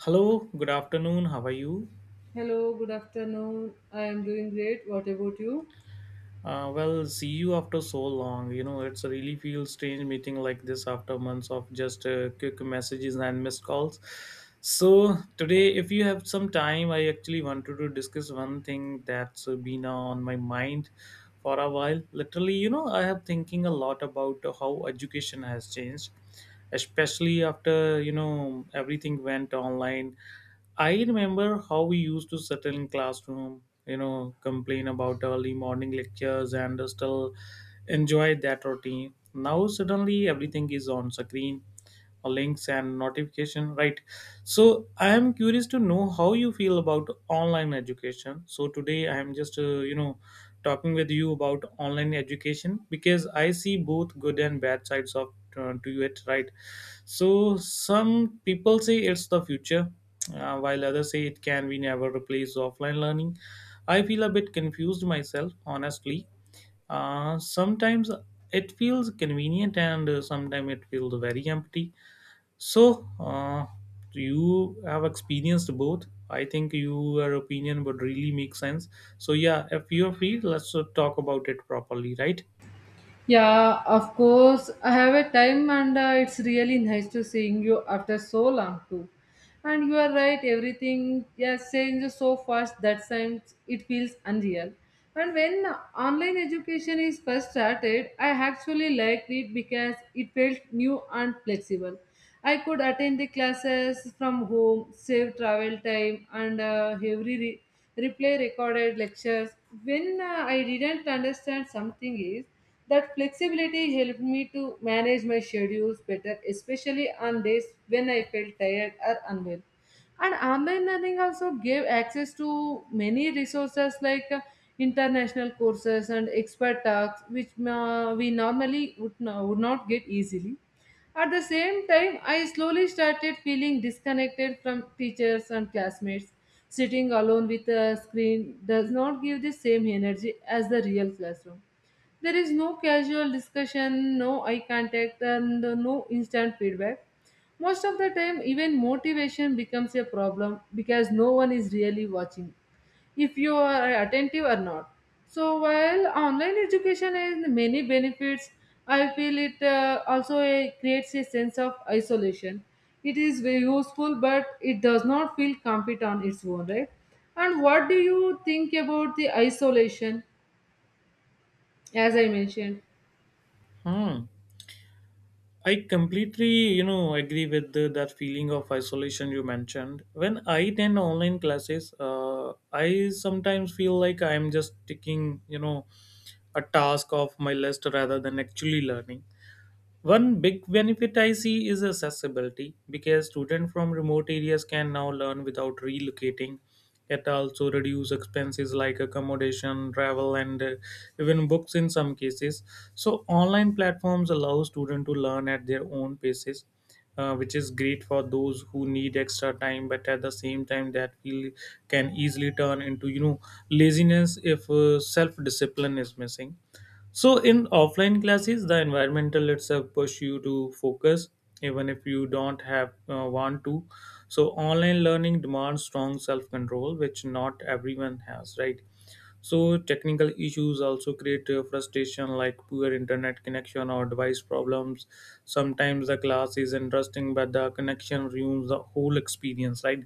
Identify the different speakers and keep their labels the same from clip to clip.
Speaker 1: Hello, good afternoon. How are you?
Speaker 2: Hello, good afternoon. I am doing great. What about you?
Speaker 1: Well, see you after so long. You know, it's really feels strange meeting like this after months of just quick messages and missed calls. So today, if you have some time, I actually wanted to discuss one thing that's been on my mind for a while. Literally, I have thinking a lot about how education has changed, especially after everything went online. I remember how we used to settle in classroom, complain about early morning lectures and still enjoy that routine. Now suddenly everything is on screen, links and notification, right? So I am curious to know how you feel about online education. So today I am just talking with you about online education because I see both good and bad sides of to it, right? So some people say it's the future, while others say it can be never replace offline learning. I feel a bit confused myself, honestly. Sometimes it feels convenient and sometimes it feels very empty. So you have experienced both. I think your opinion would really make sense. So, yeah, if you're free, let's talk about it properly, right?
Speaker 2: Yeah, of course. I have a time, and it's really nice to seeing you after so long too. And you are right, everything has changed so fast that times it feels unreal. And when online education is first started, I actually liked it because it felt new and flexible. I could attend the classes from home, save travel time, and replay recorded lectures. When I didn't understand something is that flexibility helped me to manage my schedules better, especially on days when I felt tired or unwell. And online learning also gave access to many resources like international courses and expert talks, which we normally would not get easily. At the same time, I slowly started feeling disconnected from teachers and classmates. Sitting alone with a screen does not give the same energy as the real classroom. There is no casual discussion, no eye contact, and no instant feedback. Most of the time, even motivation becomes a problem because no one is really watching if you are attentive or not. So, while online education has many benefits, I feel it also creates a sense of isolation. It is very useful, but it does not feel complete on its own, right? And what do you think about the isolation, as I mentioned?
Speaker 1: Hmm. I completely, agree with that feeling of isolation you mentioned. When I attend online classes, I sometimes feel like I'm just taking, a task off my list rather than actually learning. One big benefit I see is accessibility because students from remote areas can now learn without relocating. It also reduces expenses like accommodation, travel, and even books in some cases. So online platforms allow students to learn at their own paces, which is great for those who need extra time. But at the same time, that feel can easily turn into laziness if self discipline is missing. So in offline classes, the environmental itself push you to focus even if you don't have want to. So online learning demands strong self-control, which not everyone has, right? So technical issues also create frustration like poor internet connection or device problems. Sometimes the class is interesting, but the connection ruins the whole experience, right?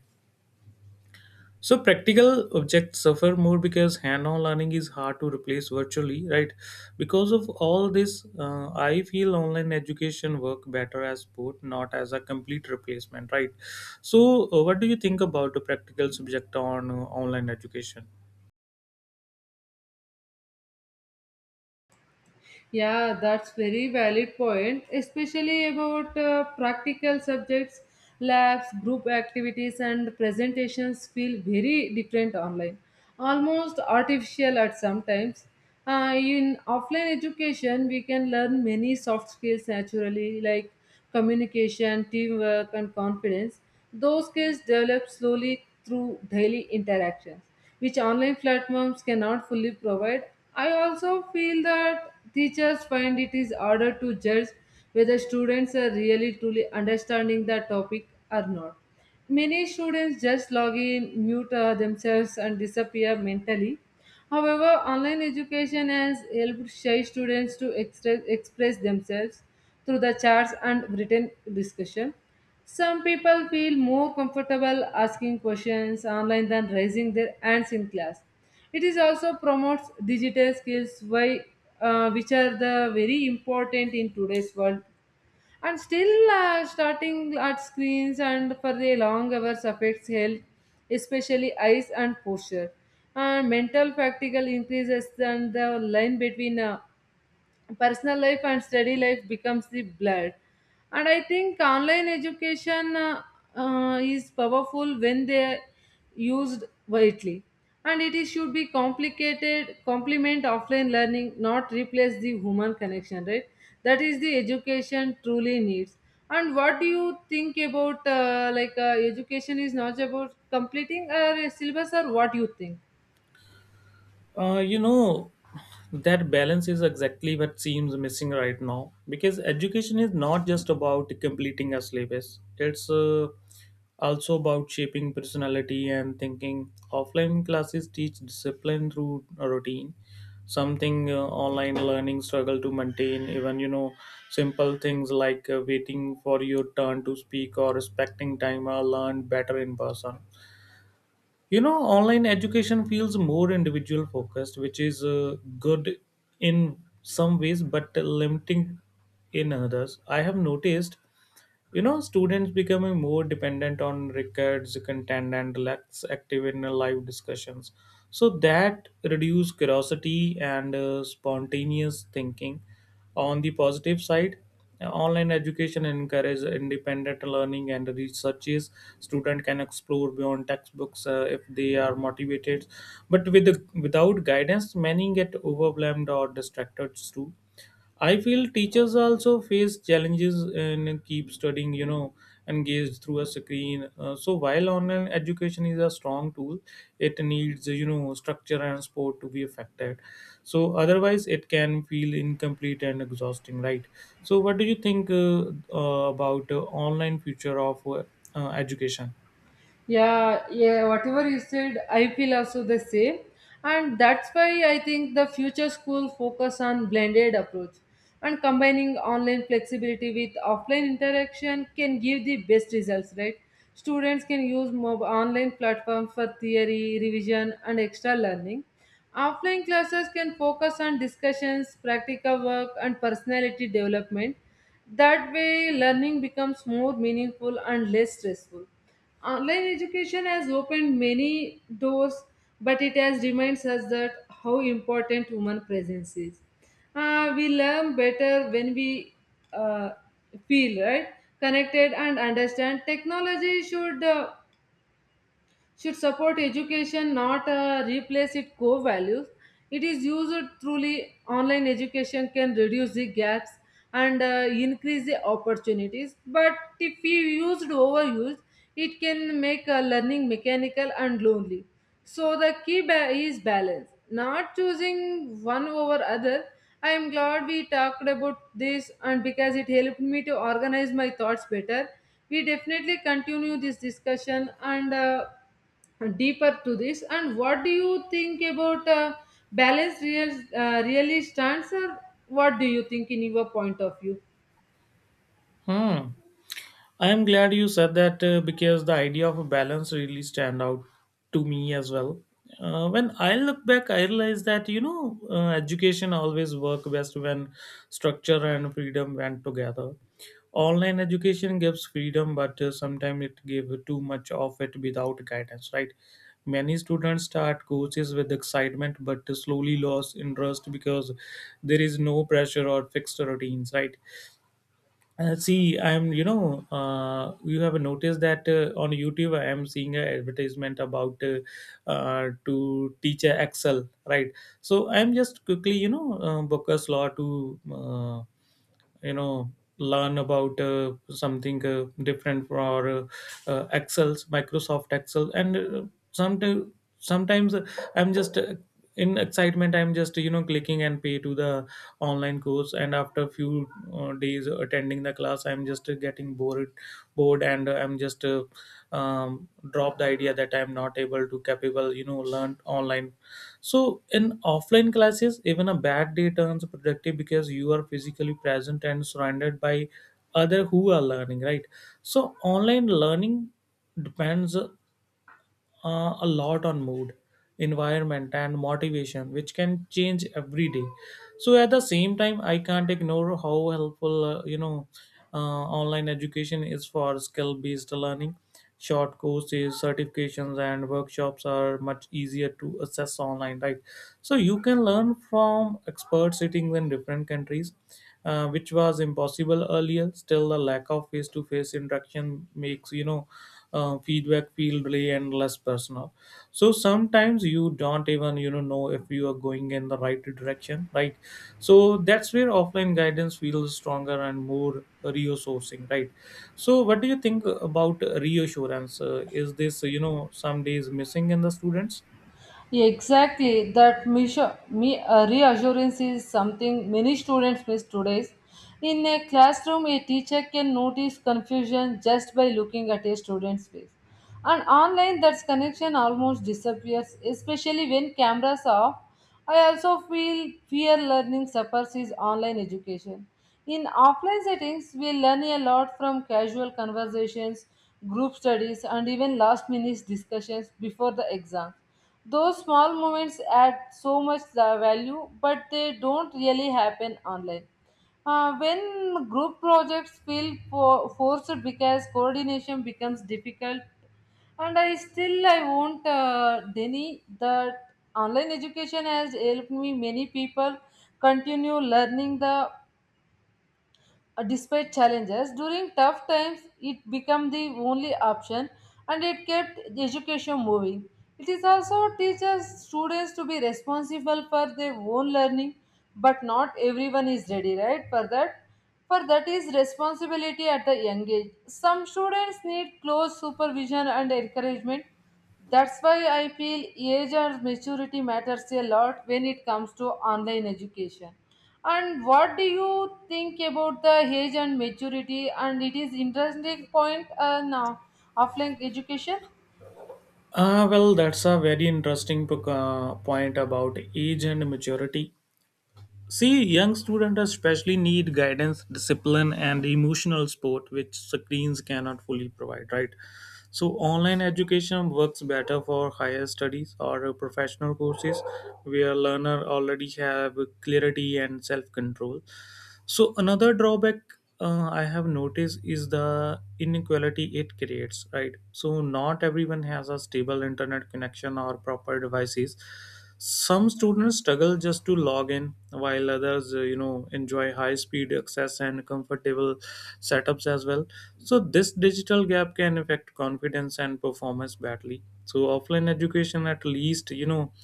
Speaker 1: So practical objects suffer more because hand-on learning is hard to replace virtually, right? Because of all this, I feel online education work better as support, not as a complete replacement, right? So, what do you think about the practical subject on online education?
Speaker 2: Yeah, that's very valid point, especially about practical subjects, labs, group activities, and presentations feel very different online, almost artificial at some times. In offline education, we can learn many soft skills naturally, like communication, teamwork, and confidence. Those skills develop slowly through daily interactions, which online platforms cannot fully provide. I also feel that teachers find it is harder to judge whether students are really truly understanding the topic or not. Many students just log in, mute themselves, and disappear mentally. However, online education has helped shy students to express themselves through the charts and written discussion. Some people feel more comfortable asking questions online than raising their hands in class. It is also promotes digital skills, why, which are the very important in today's world. And still, starting at screens and for the long hours affects health, especially eyes and posture. And mental fatigue increases, and the line between personal life and study life becomes the blurred. And I think online education is powerful when they are used widely, and it is, should be complicated complement offline learning, not replace the human connection, right? That is the education truly needs. And what do you think about education is not about completing a syllabus, or what you think?
Speaker 1: Uh, you know, that balance is exactly what seems missing right now because education is not just about completing a syllabus, it's also about shaping personality and thinking. Offline classes teach discipline through a routine, something online learning struggle to maintain, even simple things like waiting for your turn to speak or respecting time are learned better in person. Online education feels more individual focused, which is good in some ways but limiting in others. I have noticed students becoming more dependent on records content and less active in live discussions. So that reduce curiosity and spontaneous thinking. On the positive side, online education encourages independent learning and researches. Student can explore beyond textbooks if they are motivated, but without guidance many get overwhelmed or distracted too. I feel teachers also face challenges and keep studying, engaged through a screen. So while online education is a strong tool, it needs, structure and support to be effective. So otherwise, it can feel incomplete and exhausting, right? So what do you think about online future of education?
Speaker 2: Yeah, whatever you said, I feel also the same. And that's why I think the future school focus on blended approach, and combining online flexibility with offline interaction can give the best results, right? Students can use online platforms for theory revision and extra learning. Offline classes can focus on discussions, practical work, and personality development. That way learning becomes more meaningful and less stressful. Online education has opened many doors, but it has reminds us that how important human presence is. We learn better when we uh, feel right, connected, and understand. Technology should support education, not replace its core values. It is used truly online education can reduce the gaps and increase the opportunities. But if we used overused, it can make learning mechanical and lonely. So the key is balance, not choosing one over other. I am glad we talked about this and because it helped me to organize my thoughts better. We definitely continue this discussion and deeper to this. And what do you think about balance really stands, or what do you think in your point of view?
Speaker 1: Hmm. I am glad you said that because the idea of a balance really stand out to me as well. When I look back, I realize that education always work best when structure and freedom went together. Online education gives freedom, but sometimes it gives too much of it without guidance. Right? Many students start courses with excitement, but slowly lose interest because there is no pressure or fixed routines. Right? See, you have noticed that on YouTube, I am seeing an advertisement about to teach a Excel, right? So I'm just quickly, book a slot to you know learn about something different for excels, Microsoft Excel. And sometimes sometimes I'm just in excitement I'm just clicking and pay to the online course, and after a few days attending the class I'm just getting bored and I'm just drop the idea that I'm not able to capable learn online. So in offline classes, even a bad day turns productive because you are physically present and surrounded by other who are learning, right? So online learning depends a lot on mood, environment, and motivation, which can change every day. So at the same time, I can't ignore how helpful online education is for skill-based learning. Short courses, certifications, and workshops are much easier to access online, right? So you can learn from experts sitting in different countries, which was impossible earlier. Still, the lack of face-to-face interaction makes feedback feel really endless personal. So sometimes you don't even know if you are going in the right direction, right? So that's where offline guidance feels stronger and more reassuring, right? So what do you think about reassurance, is this some days missing in the students?
Speaker 2: Exactly, that reassurance is something many students miss today. In a classroom, a teacher can notice confusion just by looking at a student's face. And online, that connection almost disappears, especially when cameras are off. I also feel fear learning suffers is online education. In offline settings, we learn a lot from casual conversations, group studies, and even last minute discussions before the exam. Those small moments add so much value, but they don't really happen online. When group projects forced because coordination becomes difficult, and I still I won't deny that online education has helped me many people continue learning the despite challenges. During tough times it became the only option, and it kept education moving. It is also teaches students to be responsible for their own learning, but not everyone is ready right for that. For that is responsibility at a young age, some students need close supervision and encouragement. That's why I feel age and maturity matters a lot when it comes to online education. And what do you think about the age and maturity? And it is interesting point now offline education.
Speaker 1: Well, that's a very interesting point about age and maturity. See, young students especially need guidance, discipline, and emotional support, which screens cannot fully provide, right? So, online education works better for higher studies or professional courses where learner already have clarity and self control. So another drawback I have noticed is the inequality it creates, right? So not everyone has a stable internet connection or proper devices. Some students struggle just to log in, while others, enjoy high-speed access and comfortable setups as well. So this digital gap can affect confidence and performance badly. So offline education, at least, you know,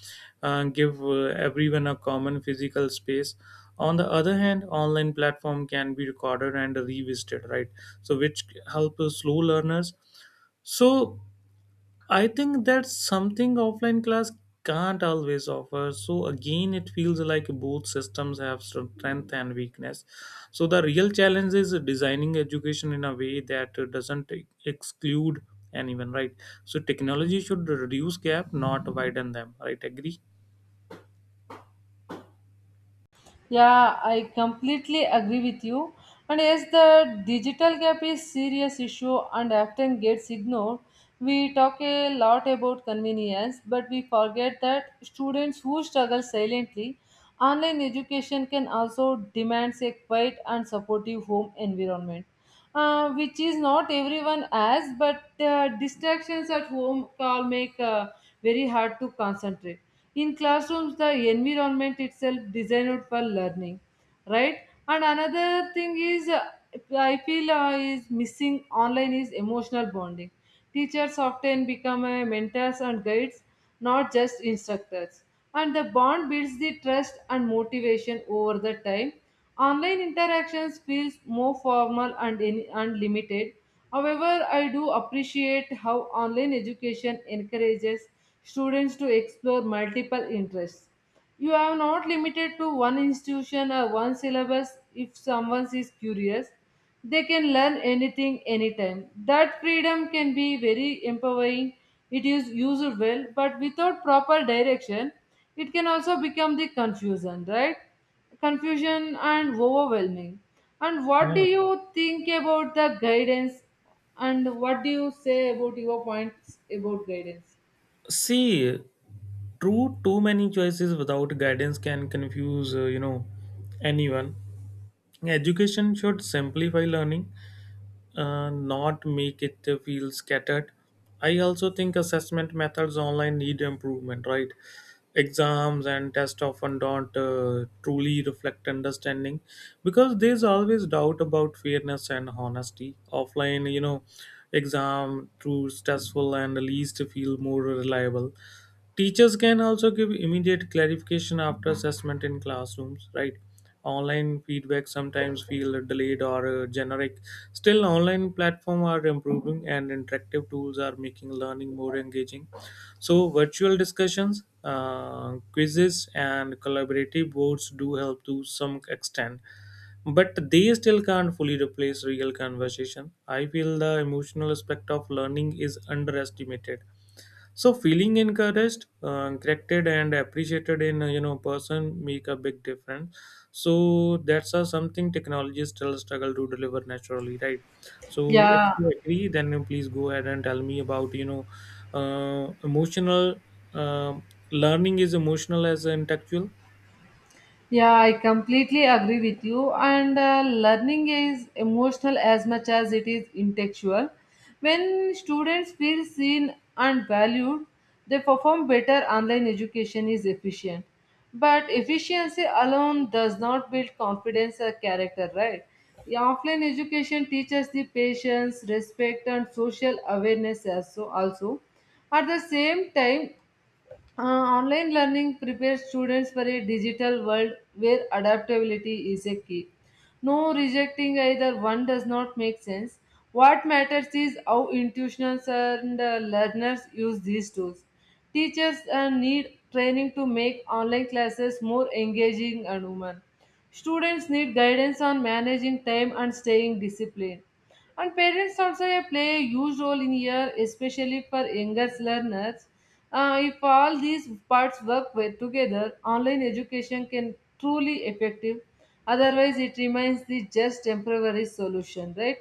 Speaker 1: uh, give everyone a common physical space. On the other hand, online platform can be recorded and revisited, right? So which help the slow learners. So I think that's something offline class can't always offer. So again, it feels like both systems have strength and weakness. So the real challenge is designing education in a way that doesn't exclude anyone, right? So technology should reduce gap, not widen them, right? Agree?
Speaker 2: Yeah, I completely agree with you. And yes, the digital gap is serious issue and often gets ignored. We talk a lot about convenience, but we forget that students who struggle silently, online education can also demand a quiet and supportive home environment, which is not everyone has, but distractions at home can make very hard to concentrate. In classrooms, the environment itself designed for learning, right? And another thing is, I feel is missing online is emotional bonding. Teachers often become mentors and guides, not just instructors. And the bond builds the trust and motivation over the time. Online interactions feels more formal and and limited. However, I do appreciate how online education encourages students to explore multiple interests. You are not limited to one institution or one syllabus. If someone is curious, they can learn anything anytime. That freedom can be very empowering. It is used well, but without proper direction, it can also become the confusion, right? Confusion and overwhelming. And what do
Speaker 1: Yeah.
Speaker 2: you think about the guidance? And what do you say about your points about guidance?
Speaker 1: See, true, too many choices without guidance can confuse, anyone. Education should simplify learning, not make it feel scattered. I also think assessment methods online need improvement, right? Exams and tests often don't truly reflect understanding because there's always doubt about fairness and honesty. Offline, exam through stressful and least feel more reliable. Teachers can also give immediate clarification after assessment in classrooms, right? Online feedback sometimes feel delayed or generic. Still, online platforms are improving and interactive tools are making learning more engaging. So, virtual discussions, quizzes, and collaborative boards do help to some extent, but they still can't fully replace real conversation. I feel the emotional aspect of learning is underestimated. So feeling encouraged, corrected, and appreciated in person make a big difference. So that's something technology still struggle to deliver naturally, right? So if
Speaker 2: Yeah,
Speaker 1: you agree, then you please go ahead and tell me about emotional um learning is emotional as intellectual.
Speaker 2: yeah, I completely agree with you. And learning is emotional as much as it is intellectual. When students feel seen and valued, they perform better. Online education is efficient, but efficiency alone does not build confidence or character, right? The offline education teaches the patience, respect, and social awareness also. At the same time, online learning prepares students for a digital world where adaptability is a key. No rejecting either one does not make sense. What matters is how institutions and learners use these tools. Teachers need training to make online classes more engaging and human. Students need guidance on managing time and staying disciplined. And parents also play a huge role in here, especially for younger learners. If all these parts work well together, online education can truly effective. Otherwise, it remains the just temporary solution, right?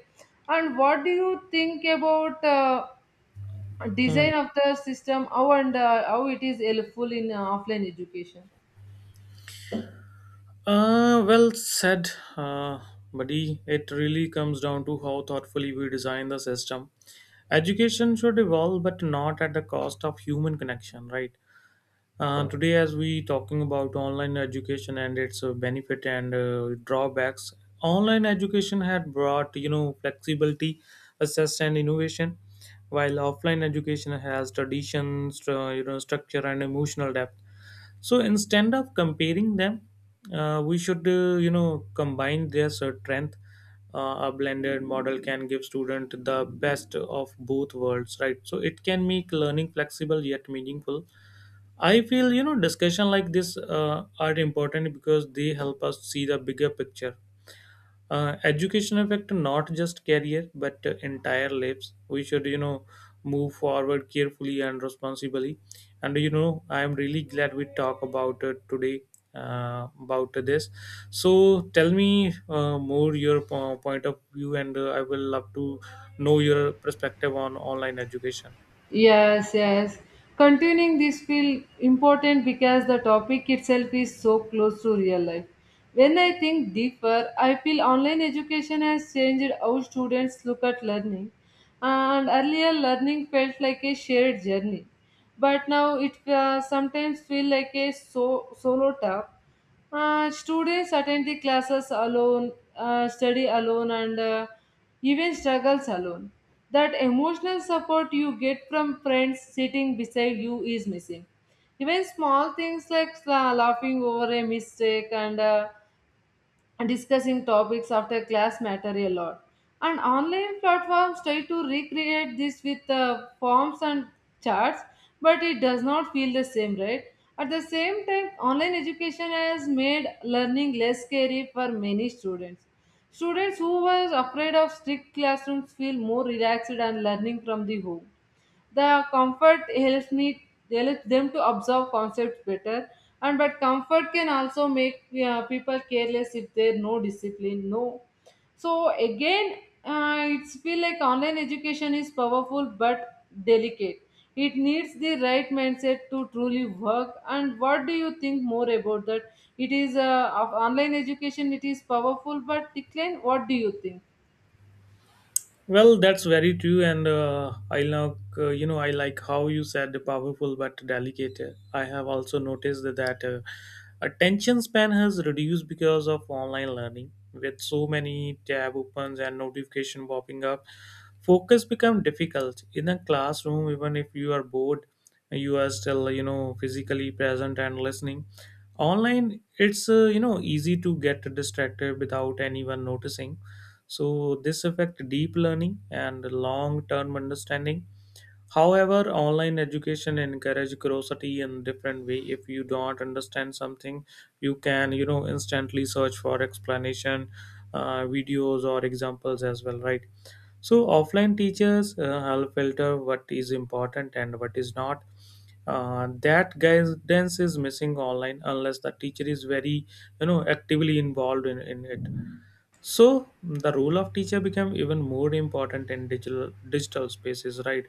Speaker 2: And what do you think about design of the system? How and how it is helpful in offline education?
Speaker 1: Well said, uh, buddy. It really comes down to how thoughtfully we design the system. Education should evolve, but not at the cost of human connection, right? Today, as we talking about online education and its benefit and drawbacks, online education had brought flexibility, access, and innovation, while offline education has traditions, structure, and emotional depth. So instead of comparing them, we should combine their strength. A blended model can give student the best of both worlds, right? So it can make learning flexible yet meaningful. I feel discussion like this are important because they help us see the bigger picture. Uh, education affect not just career but entire lives. We should move forward carefully and responsibly, and I am really glad we talk about it today, about this. So tell me, more your point of view, and I will love to know your perspective on online education.
Speaker 2: Yes, yes. Continuing this feel important because the topic itself is so close to real life. When I think deeper, I feel online education has changed how students look at learning. And earlier, learning felt like a shared journey, but now it sometimes feel like a solo task. Students attend the classes alone, study alone, and even struggles alone. That emotional support you get from friends sitting beside you is missing. Even small things like laughing over a mistake and discussing topics after class matter a lot. And online platforms try to recreate this with forms and charts, but it does not feel the same, right? At the same time, online education has made learning less scary for many students. Students who were afraid of strict classrooms feel more relaxed and learning from the home. The comfort helps them to observe concepts better, and but comfort can also make people careless if there's no discipline. No, so again, it's feel like online education is powerful but delicate. It needs the right mindset to truly work. And what do you think more about that? It is of online education. It is powerful but decline. What do you think?
Speaker 1: Well, that's very true, and I like I like how you said powerful but delicate. I have also noticed that attention span has reduced because of online learning. With so many tab opens and notification popping up, focus become difficult in a classroom. Even if you are bored, you are still physically present and listening. Online, it's easy to get distracted without anyone noticing, so this affect deep learning and long-term understanding. However, online education encourage curiosity in different way. If you don't understand something, you can instantly search for explanation, videos or examples as well, right? So offline teachers help filter what is important and what is not. That guidance is missing online unless the teacher is very actively involved in it. So the role of teacher became even more important in digital spaces, right?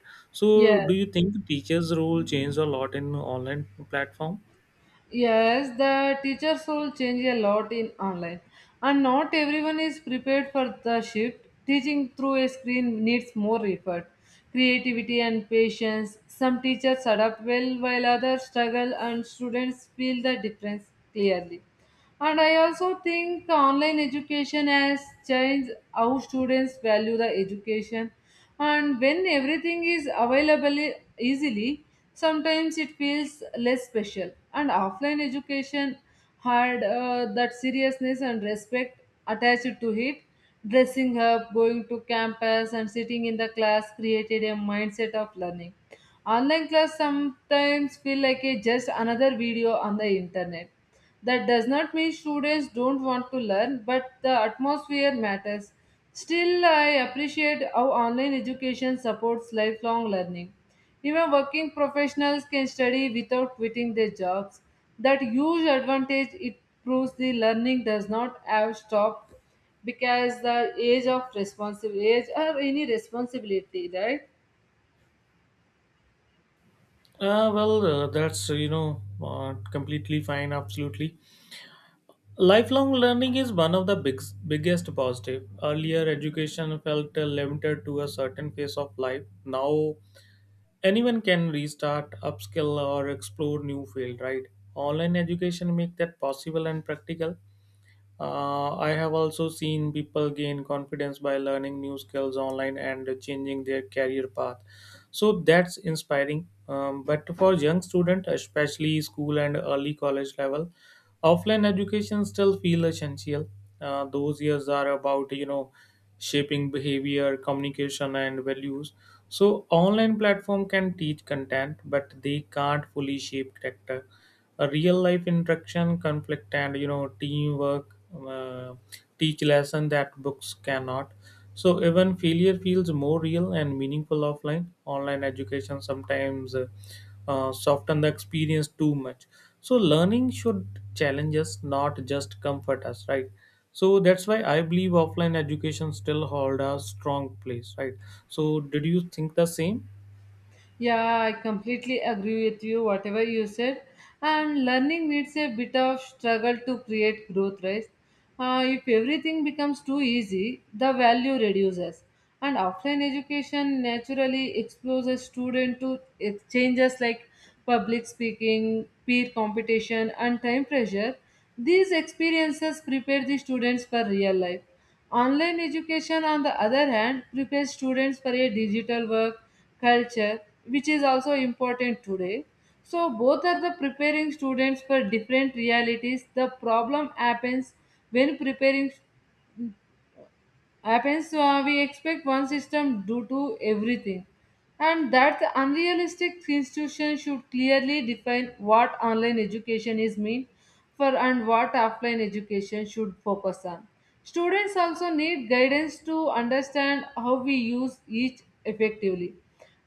Speaker 2: Yeah,
Speaker 1: So do you think teachers role changed a lot in online platform?
Speaker 2: yes, the teacher's role change a lot in online, and not everyone is prepared for the shift. Teaching through a screen needs more effort, creativity, and patience. Some teachers adapt well, while others struggle, and students feel the difference clearly. And I also think online education has changed how students value the education. And when everything is available easily, sometimes it feels less special. And offline education had that seriousness and respect attached to it. Dressing up, going to campus, and sitting in the class created a mindset of learning. Online class sometimes feel like a just another video on the internet, that does not mean students don't want to learn, but the atmosphere matters. Still, I appreciate how online education supports lifelong learning. Even working professionals can study without quitting their jobs. That huge advantage, it proves the learning does not have stopped because the age of responsible age or any responsibility, right?
Speaker 1: Well, that's uh, completely fine. Absolutely, lifelong learning is one of the biggest positive. Earlier, education felt limited to a certain phase of life. Now, anyone can restart, upskill, or explore new field. Right? Online education make that possible and practical. I have also seen people gain confidence by learning new skills online and changing their career path. So that's inspiring. But for young students, especially school and early college level, offline education still feel essential. Those years are about shaping behavior, communication, and values. So online platform can teach content, but they can't fully shape character. A real life interaction, conflict, and teamwork uh, teach lesson that books cannot. So even failure feels more real and meaningful offline. Online education sometimes soften the experience too much. So learning should challenge us, not just comfort us, right? So that's why I believe offline education still hold a strong place, right? So did you think the same?
Speaker 2: Yeah, I completely agree with you, whatever you said. And learning needs a bit of struggle to create growth, right? If everything becomes too easy, the value reduces. And offline education naturally exposes student to changes like public speaking, peer competition, and time pressure. These experiences prepare the students for real life. Online education, on the other hand, prepares students for a digital work culture, which is also important today. So, both are the preparing students for different realities. The problem happens when preparing happens, so we expect one system due to everything, and that unrealistic institution should clearly define what online education is mean for and what offline education should focus on. Students also need guidance to understand how we use each effectively.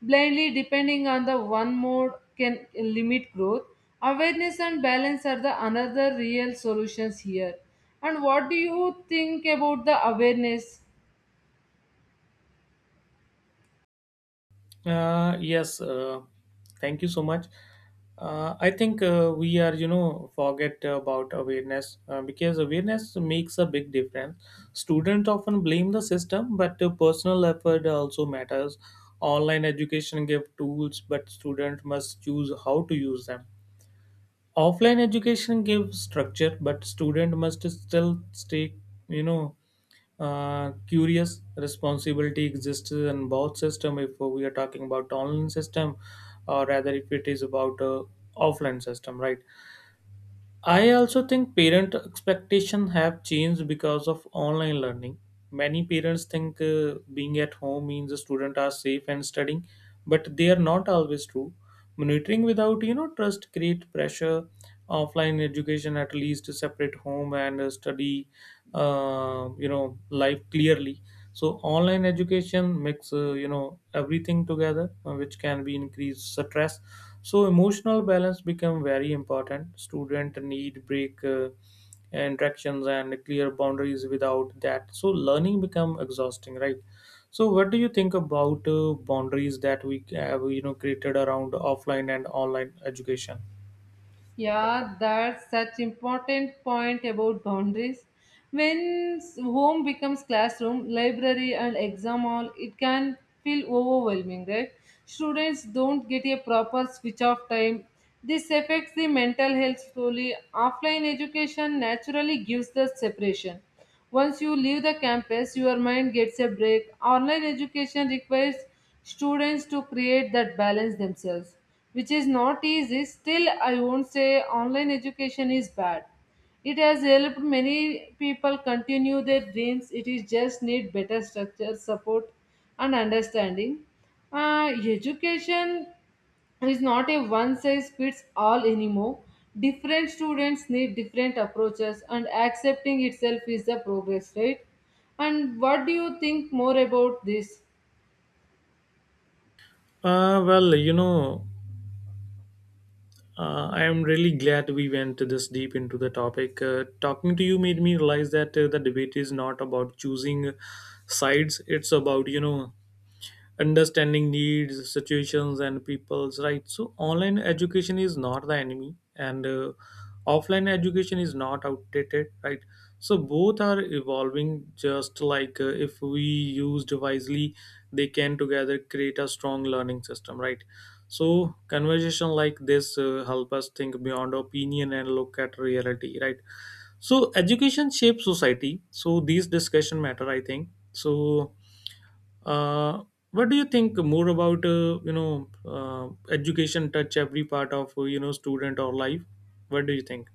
Speaker 2: Blindly depending on the one mode can limit growth. Awareness and balance are the another real solutions here. And what do you think about the awareness?
Speaker 1: Yes, thank you so much. I think we are, forget about awareness because awareness makes a big difference. Students often blame the system, but personal effort also matters. Online education give tools, but student must choose how to use them. Offline education gives structure, but student must still stay, you know, curious. Responsibility exists in both system, if we are talking about online system, or rather if it is about offline system, right? I also think parent expectation have changed because of online learning. Many parents think being at home means the student are safe and studying, but they are not always true. Monitoring without trust create pressure. Offline education at least separate home and study, life clearly. So online education makes everything together, which can be increased stress. So emotional balance become very important. Student need break, interactions and clear boundaries. Without that, so learning become exhausting, right? So what do you think about boundaries that we have created around offline and online education?
Speaker 2: Yeah, that's such important point about boundaries. When home becomes classroom, library and exam hall, it can feel overwhelming, right? Students don't get a proper switch off time. This affects the mental health slowly. Offline education naturally gives the separation. Once you leave the campus, your mind gets a break. Online education requires students to create that balance themselves, which is not easy. Still, I won't say online education is bad. It has helped many people continue their dreams. It is just need better structure, support, and understanding. Uh, education, it's not a one size fits all anymore. Different students need different approaches, and accepting itself is the progress, right? And what do you think more about this?
Speaker 1: uh, well you know I am really glad we went this deep into the topic. Talking to you made me realize that the debate is not about choosing sides. It's about, understanding needs, situations, and people's right. So online education is not the enemy, and offline education is not outdated, right? So both are evolving, just like if we used wisely they can together create a strong learning system, right? So conversation like this help us think beyond opinion and look at reality, right? So education shapes society, so these discussion matter, I think so. uh, what do you think more about education touch every part of student or life? What do you think?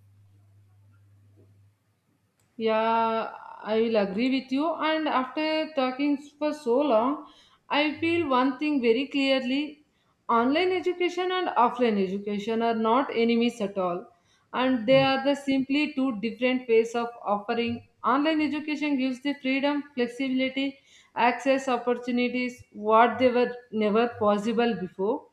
Speaker 2: Yeah, I will agree with you. And after talking for so long, I feel one thing very clearly, online education and offline education are not enemies at all. And they
Speaker 1: Hmm.
Speaker 2: are the simply two different ways of offering. Online education gives the freedom, flexibility, access, opportunities, what they were never possible before.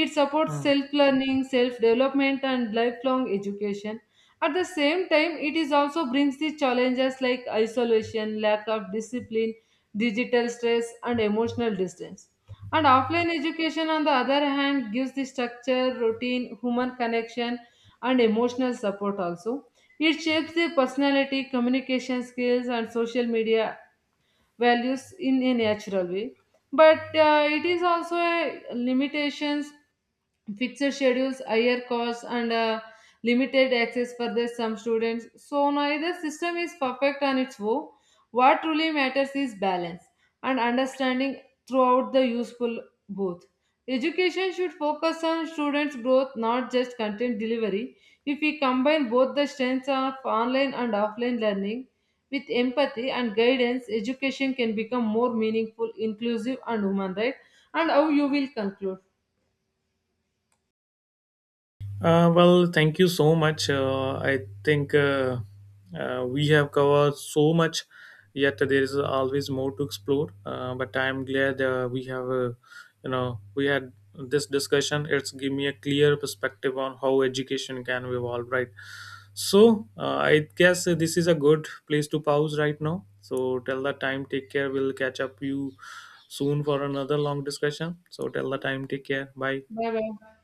Speaker 2: It supports
Speaker 1: Hmm.
Speaker 2: self learning, self development, and lifelong education. At the same time, it is also brings the challenges like isolation, lack of discipline, digital stress, and emotional distance. And offline education, on the other hand, gives the structure, routine, human connection, and emotional support also. It shapes the personality, communication skills, and social media values in a natural way. But it is also a limitations, fixed schedules, higher costs, and limited access for the some students. So neither system is perfect on its own. What truly matters is balance and understanding throughout the useful both. Education should focus on students' growth, not just content delivery. If we combine both the strengths of online and offline learning with empathy and guidance, education can become more meaningful, inclusive, and human right. And how you will conclude?
Speaker 1: Well, thank you so much. I think we have covered so much, yet there is always more to explore. But I'm glad we have, we had this discussion. It's give me a clear perspective on how education can evolve, right? So I guess this is a good place to pause right now. So till the time, take care. We'll catch up you soon for another long discussion. So till the time, take care. Bye.
Speaker 2: Bye bye.